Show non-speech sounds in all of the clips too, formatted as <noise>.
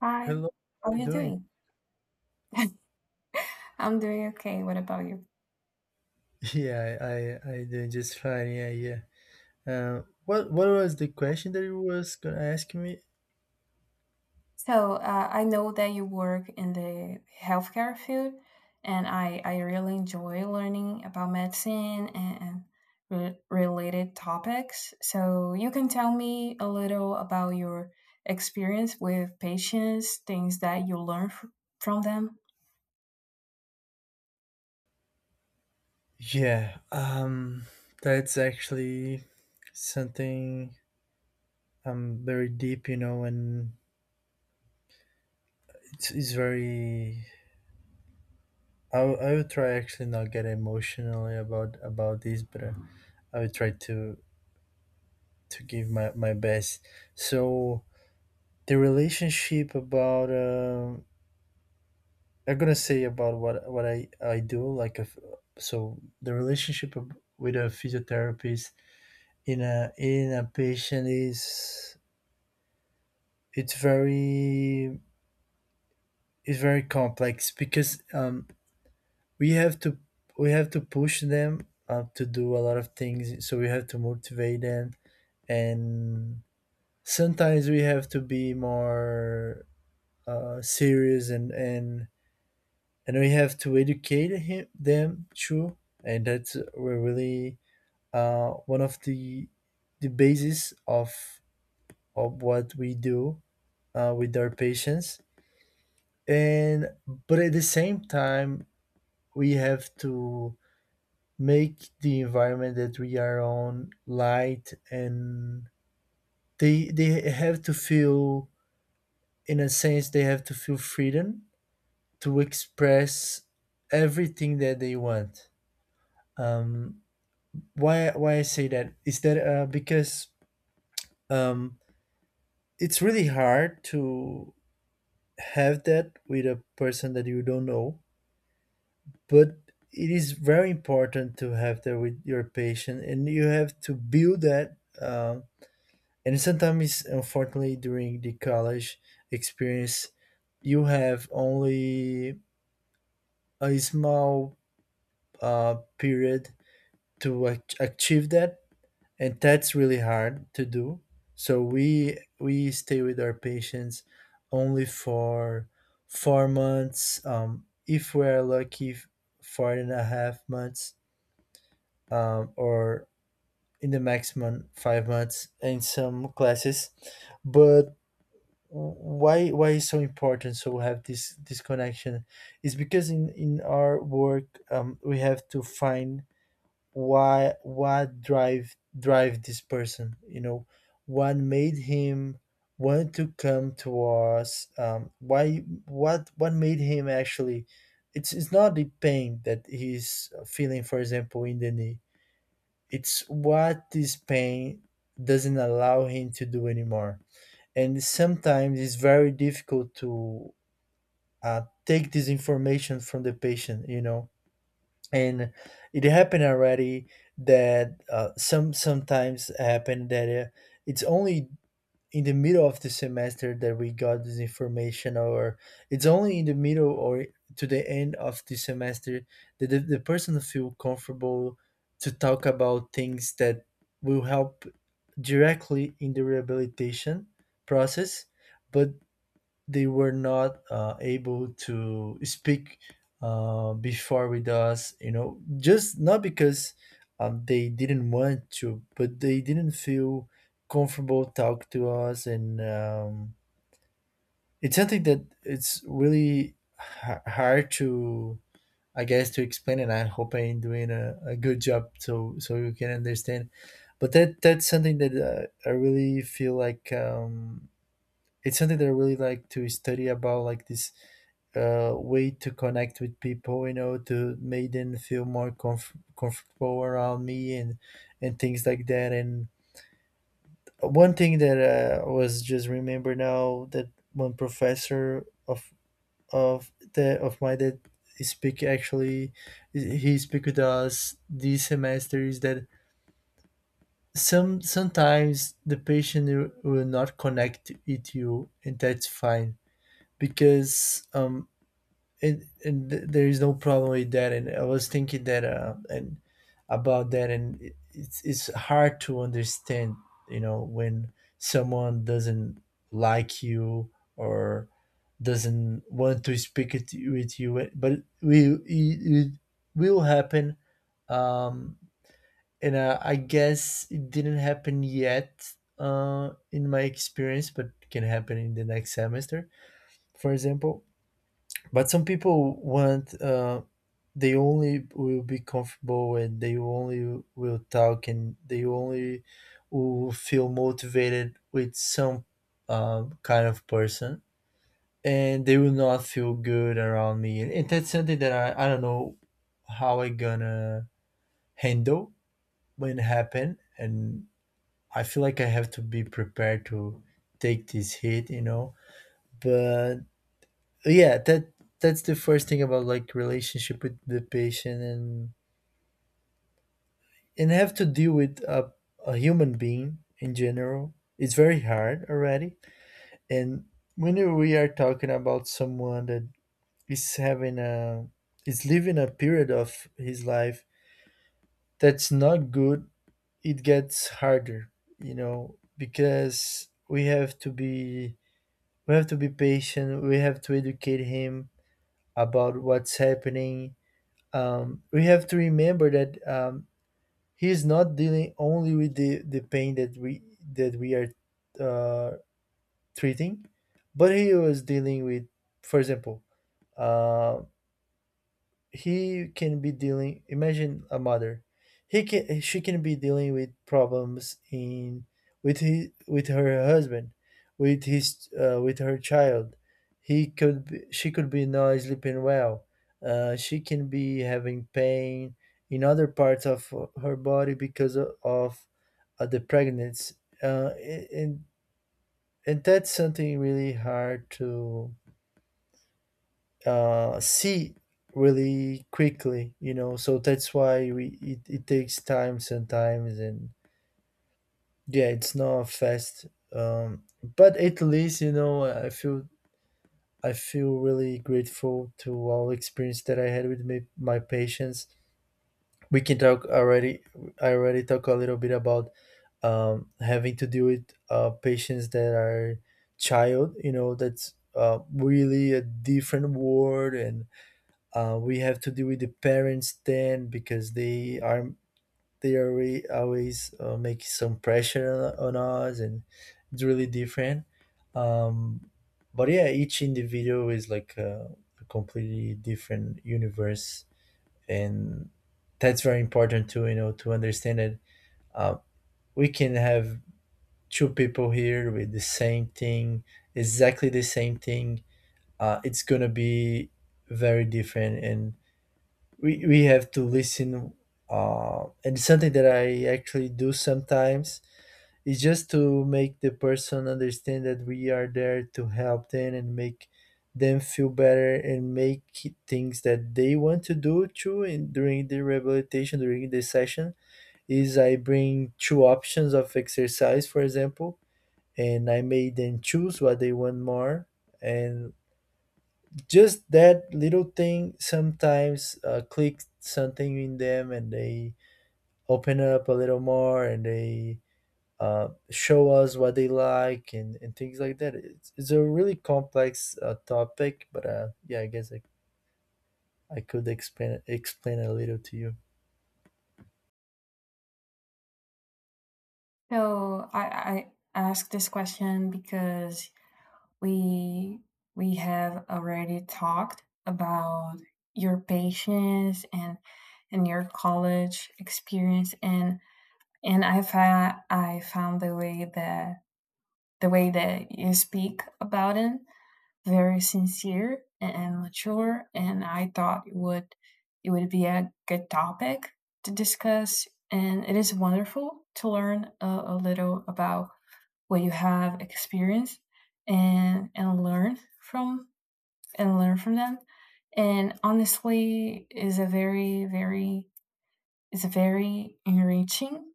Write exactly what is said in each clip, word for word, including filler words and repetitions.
Hi, Hello, how are how are you you doing? doing? I'm doing okay. What about you? <laughs> Yeah, I I I doing just fine. Yeah, yeah. Uh, what what was the question that you was gonna ask me? So, uh, I know that you work in the healthcare field, and I, I really enjoy learning about medicine and, re- related topics. So, you can tell me a little about your experience with patients, things that you learn f- from them. Yeah, um, that's actually something I'm very deep, you know, and it's, it's very. I will- I will try actually not get emotionally about about this, but uh, I will try to to give my my best. So the relationship about um I'm gonna say about what what I I do like a f so the relationship of- with a physiotherapist in a in a patient is it's very it's very complex because um we have to we have to push them, uh, to do a lot of things, so we have to motivate them. And sometimes we have to be more, uh, serious, and and and we have to educate him them too. And that's, we're really, uh, one of the the basis of of what we do, uh, with our patients. And but at the same time, we have to make the environment that we are on light, and they they have to feel, in a sense, they have to feel freedom to express everything that they want. Um why why I say that is that uh because, um it's really hard to have that with a person that you don't know, but it is very important to have that with your patient, and you have to build that. Um, and sometimes, unfortunately, during the college experience, you have only a small, uh, period to ach- achieve that, and that's really hard to do. So we we stay with our patients only for four months, um, if we're lucky, f- four and a half months, um, or in the maximum five months in some classes. But why why is so important so we have this this connection is because in in our work, um, we have to find why, what drive drive this person, you know, what made him want to come to us, um, why, what what made him actually. It's it's not the pain that he's feeling, for example, in the knee. It's what this pain doesn't allow him to do anymore. And sometimes it's very difficult to, uh, take this information from the patient, you know. And it happened already that, uh, some sometimes happen that, uh, it's only in the middle of the semester that we got this information, or it's only in the middle, or to the end of the semester, that the, the person feel comfortable to talk about things that will help directly in the rehabilitation process. But they were not, uh, able to speak, uh, before with us, you know, just not because, um, they didn't want to, but they didn't feel comfortable talk to us. And um, it's something that it's really ha- hard to, I guess, to explain, and I hope I'm doing a, a good job so so you can understand. But that that's something that, uh, I really feel like, um, it's something that I really like to study about, like this, uh, way to connect with people, you know, to make them feel more comf- comfortable around me, and and things like that. And one thing that, uh, I was just remember now, that one professor of of the of my, that speak actually, he speak with us this semester, is that some sometimes the patient will will not connect with you, and that's fine. Because um and, and th- there is no problem with that. And I was thinking that, uh, and about that, and it, it's, it's hard to understand, you know, when someone doesn't like you, or doesn't want to speak it with you, but we it, it will happen. um and, uh, I guess it didn't happen yet, uh in my experience, but can happen in the next semester, for example. But some people want, uh, they only will be comfortable, and they only will talk, and they only will feel motivated with some, um, kind of person, and they will not feel good around me. And that's something that i, I don't know how I gonna handle when it happen. And I feel like I have to be prepared to take this hit, you know. But yeah, that that's the first thing about, like, relationship with the patient, and and have to deal with a, a human being in general. It's very hard already. And when we are talking about someone that is having a is living a period of his life that's not good, it gets harder, you know, because we have to be we have to be patient. We have to educate him about what's happening. Um, we have to remember that, um, he's not dealing only with the, the pain that we that we are, uh, treating, but he was dealing with, for example, uh, he can be dealing, imagine a mother, he can she can be dealing with problems in, with his with her husband, with his uh, with her child. He could be, she could be not sleeping well, uh, she can be having pain in other parts of her body because of, of, uh, the pregnancy, uh, and and that's something really hard to, uh, see really quickly, you know. So that's why we, it, it takes time sometimes, and yeah, it's not fast. um, but at least, you know, i feel I feel really grateful to all experience that I had with my, my patients. We can talk already, I already talk a little bit about, um, having to deal with, uh, patients that are child, you know. That's, uh, really a different world. And, Uh, we have to deal with the parents then, because they are they are re- always, uh, make some pressure on, on us, and it's really different. Um, but yeah, each individual is like a, a completely different universe, and that's very important to, you know, to understand that, uh, we can have two people here with the same thing, exactly the same thing. Uh, it's gonna be very different. And we we have to listen. Uh and something that I actually do sometimes is just to make the person understand that we are there to help them, and make them feel better, and make things that they want to do too. And during the rehabilitation, during the session, is I bring two options of exercise, for example, and I made them choose what they want more. And just that little thing sometimes, uh, clicks something in them, and they open up a little more, and they, uh, show us what they like, and, and things like that. It's, it's a really complex, uh, topic. But, uh, yeah, I guess I, I could explain explain a little to you. So, I, I ask this question because we we have already talked about your patience and and your college experience and and I found I found the way that the way that you speak about it very sincere and mature, and I thought it would it would be a good topic to discuss, and it is wonderful to learn a, a little about what you have experienced and and learn from and learn from them. And honestly, is a very, very, is a very enriching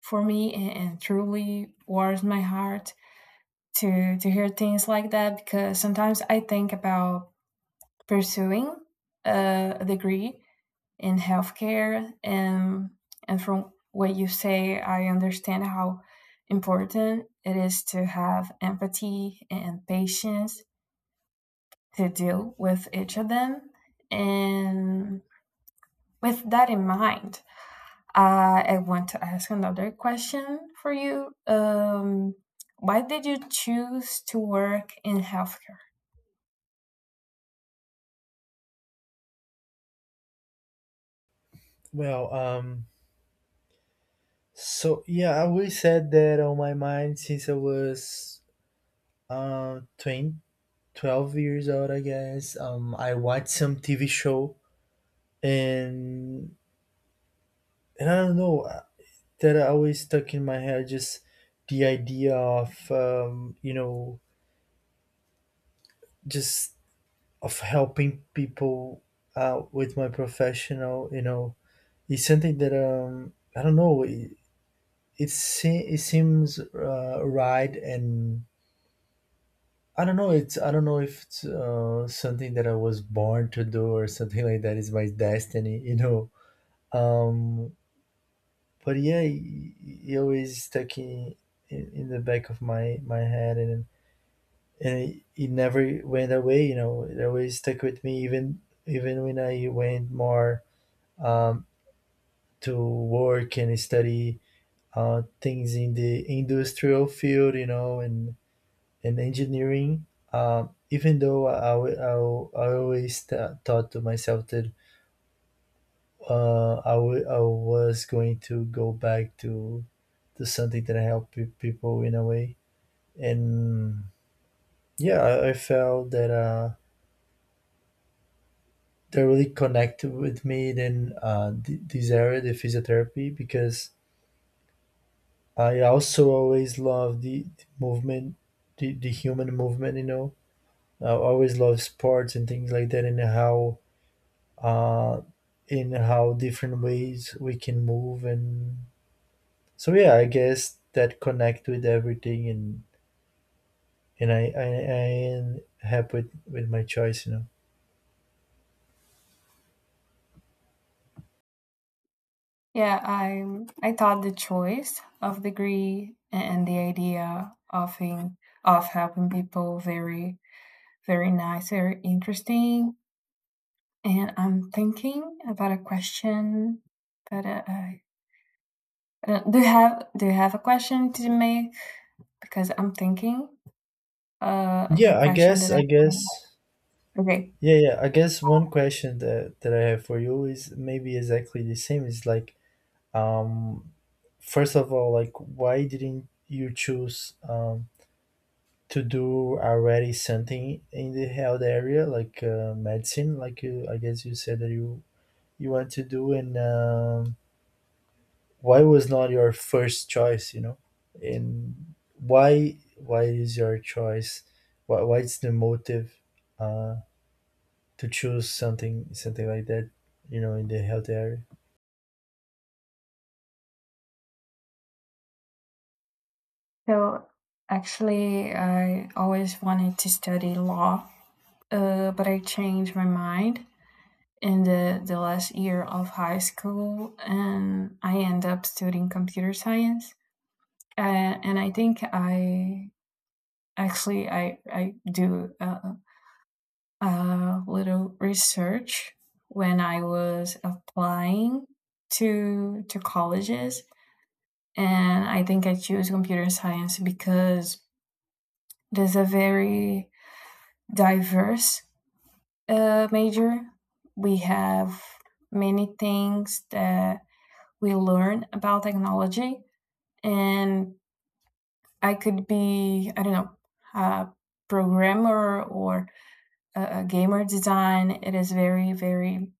for me and, and truly warms my heart to to hear things like that, because sometimes I think about pursuing a degree in healthcare, and and from what you say, I understand how important it is to have empathy and patience to deal with each of them. And with that in mind, uh, I want to ask another question for you. Um, why did you choose to work in healthcare? Well, um so yeah, I always had that on my mind since I was uh twenty twelve years old, I guess. um I watched some tv show, and And I don't know, uh, that are always stuck in my head. Just the idea of, um, you know, just of helping people out with my professional. You know, it's something that, um I don't know. It it, se- it seems, uh, right and. I don't know. It's I don't know if it's, uh, something that I was born to do, or something like that is my destiny, you know. Um, but yeah, he, he always stuck in, in in the back of my my head, and and it, it never went away. You know, it always stuck with me, even even when I went more, um, to work and study, uh, things in the industrial field. You know, and and engineering. Um, even though I, I, I, I always th- thought to myself that, uh, I, w- I was going to go back to to something that helped pe- people in a way. And yeah, I, I felt that, uh, they really connected with me in, uh, th- this area, the physiotherapy, because I also always love the, the movement, the, the human movement. You know, I always love sports and things like that, and how, uh, in how different ways we can move. And so yeah, I guess that connect with everything. and and I I, I am happy with, with my choice. You know, Yeah, I I thought the choice of degree and the idea of in, of helping people very very nice, very interesting. And I'm thinking about a question, but uh, I I don't, do you have do you have a question to make? Because I'm thinking uh, of a yeah, I question guess that I. I guess. Okay. Yeah, yeah. I guess one question that that I have for you is maybe exactly the same. Is like, um, first of all, like, why didn't you choose um to do already something in the health area, like, uh, medicine, like you, I guess you said that you you want to do. And um, why was not your first choice, you know, and why why is your choice? Why why is the motive? uh, to choose something something like that, you know, in the health area. So actually, I always wanted to study law, uh, but I changed my mind in the, the last year of high school, and I end up studying computer science. Uh, and I think I actually I, I do a, a little research when I was applying to to colleges. And I think I choose computer science because there's a very diverse uh, major. We have many things that we learn about technology, and I could be, I don't know, a programmer or a, a gamer design. It is very, very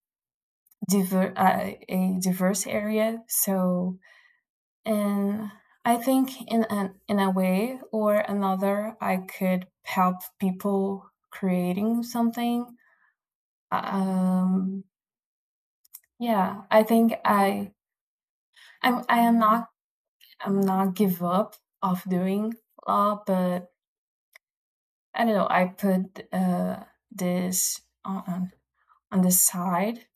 diver- uh, a diverse area. So, and I think in an, in a way or another, I could help people creating something. Um, Yeah, I think I I'm I am not I'm not give up of doing law, but I don't know, I put uh this on on on the side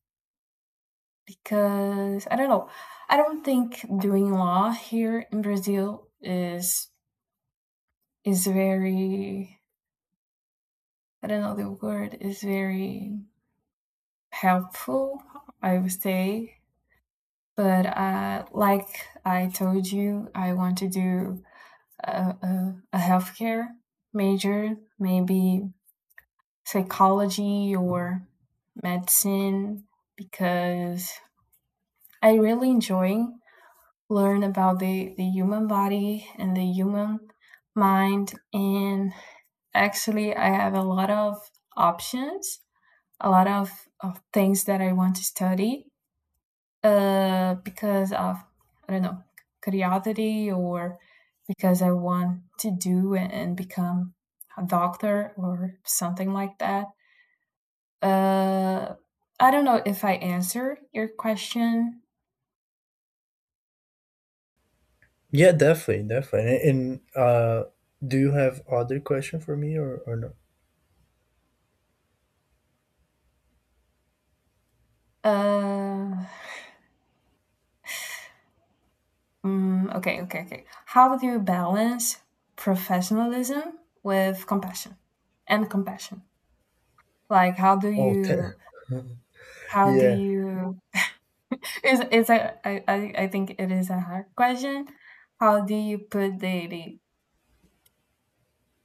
because I don't know. I don't think doing law here in Brazil is is very, I don't know the word, is very helpful, I would say. But uh like I told you, I want to do a, a, a healthcare major, maybe psychology or medicine, because I really enjoy learn about the, the human body and the human mind. And actually, I have a lot of options, a lot of, of things that I want to study. Uh, because of I don't know curiosity, or because I want to do and, become a doctor or something like that. Uh, I don't know if I answer your question. Yeah, definitely definitely. And, and uh do you have other question for me, or or no? Uh, mm, okay, okay, okay. How do you balance professionalism with compassion and compassion? Like, how do Oh <laughs> you how do yeah. you. Is is a, I, I, I think it is a hard question. How do you put daily?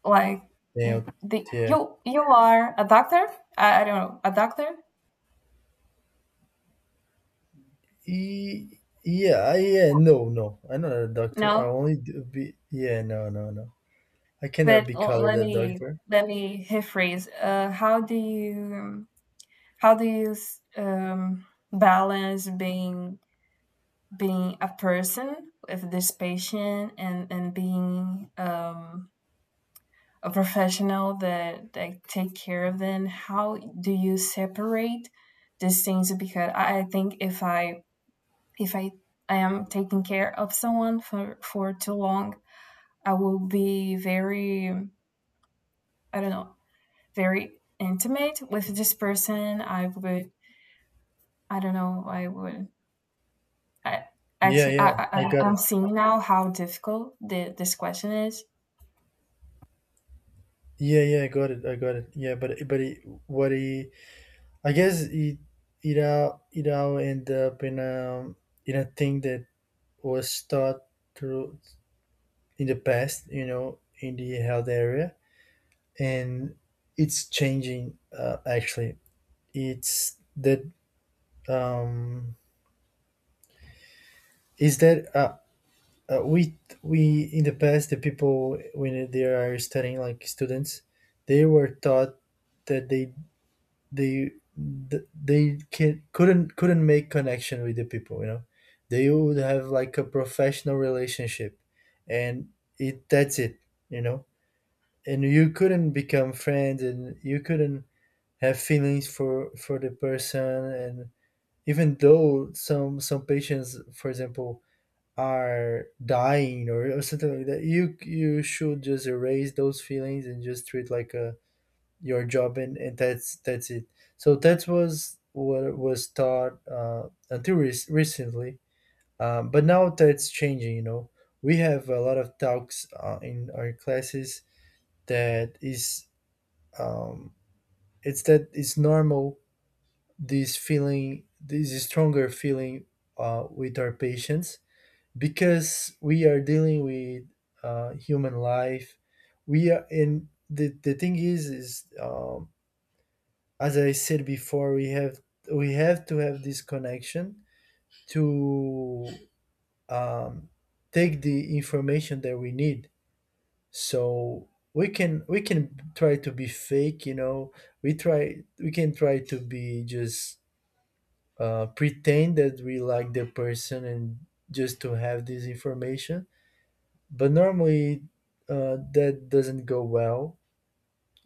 Like, Yeah, y- the, yeah. you you are a doctor? I, I don't know, a doctor? E- yeah. I, yeah, no no, I'm not a doctor, I No, only do be, yeah, no no no, I cannot but be l- called let a me doctor. let me rephrase. Uh, how do you um, how do you s- um, balance being being a person with this patient, and and being um a professional that that take care of them? How do you separate these things? Because I I think if i if I I am taking care of someone for for too long I will be very I don't know very intimate with this person I would I don't know I would I Yeah, actually I, yeah, I I I- got I'm it. seeing now how difficult the, this question is. Yeah, yeah, I got it, I got it. Yeah, but but it, what he I guess it, it all it all end up in um in a thing that was taught through in the past, you know, in the health area, and it's changing. Uh, actually, it's that um, is that uh, uh, we we in the past, the people, when they are studying like students, they were taught that they they th- they can couldn't couldn't make connection with the people. You know, they would have like a professional relationship, and it that's it. You know, and you couldn't become friends, and you couldn't have feelings for for the person. And even though some some patients, for example, are dying, or, or something like that, you you should just erase those feelings and just treat like a, your job, and, and that's that's it. So that was what was taught, uh, until rec- recently. Um, but now that's changing, you know, we have a lot of talks uh, in our classes, that is, um, it's that it's normal this feeling, this stronger feeling, uh, with our patients, because we are dealing with uh, human life. We are, and the, the thing is is um, as I said before, we have, we have to have this connection to, um, take the information that we need. So we can, we can try to be fake, you know, we try, we can try to be just, uh, pretend that we like the person and just to have this information. But normally, uh, that doesn't go well,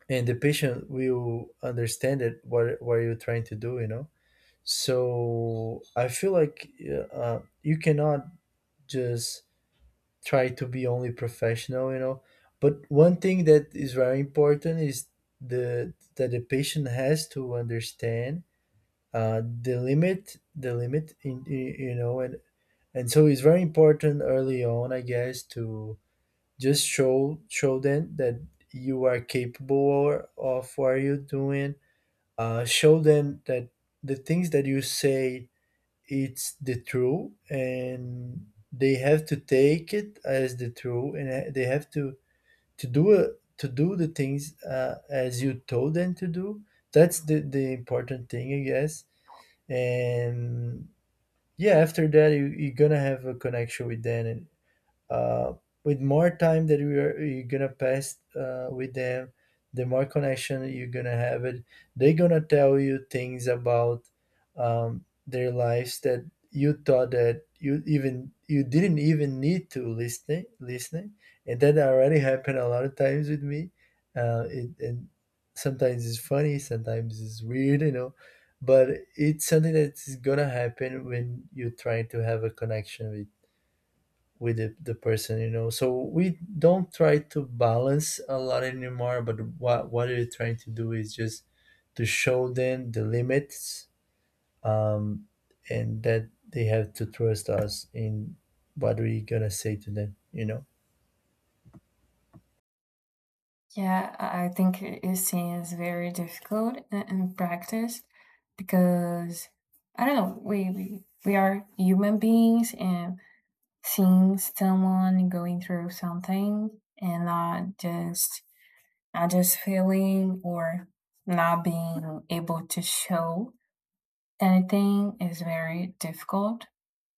and the patient will understand it, what what you're trying to do, you know. So I feel like, uh, you cannot just try to be only professional, you know. But one thing that is very important is the that the patient has to understand uh, the limit, the limit in, in you know. and and so it's very important early on, I guess, to just show, show them that you are capable of what you're doing. Uh, show them that the things that you say, it's the truth, and they have to take it as the truth, and uh, they have to to do it, to do the things uh, as you told them to do. That's the the important thing, I guess. And yeah, after that, you, you're gonna have a connection with them, and uh, with more time that you're, you're gonna pass uh, with them, the more connection you're gonna have it. They're gonna tell you things about, um, their lives, that you thought that you, even you didn't even need to listen, listening. And that already happened a lot of times with me, uh, it, and sometimes it's funny, sometimes it's weird, you know. But it's something that's gonna happen when you're trying to have a connection with with the, the person, you know. So we don't try to balance a lot anymore, but what what we're trying to do is just to show them the limits, um, and that they have to trust us in what we gonna say to them, you know. Yeah, I I think using is very difficult i- in practice because I don't know, we, we we are human beings, and seeing someone going through something and not just not just feeling or not being able to show anything is very difficult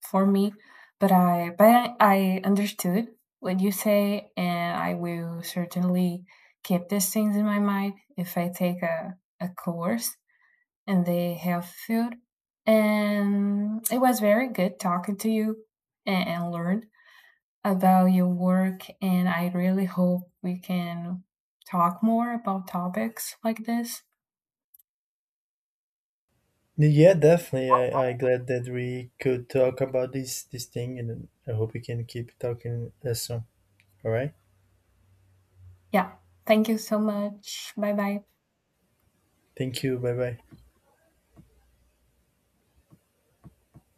for me, but I but I I understood what you say, and I will certainly keep these things in my mind if I take a, a course in the health field. And it was very good talking to you and, and learn about your work, and I really hope we can talk more about topics like this. Yeah, definitely, i i glad that we could talk about this, this thing, and I hope we can keep talking uh, soon. All right. Yeah, thank you so much. Bye bye. Thank you, bye bye.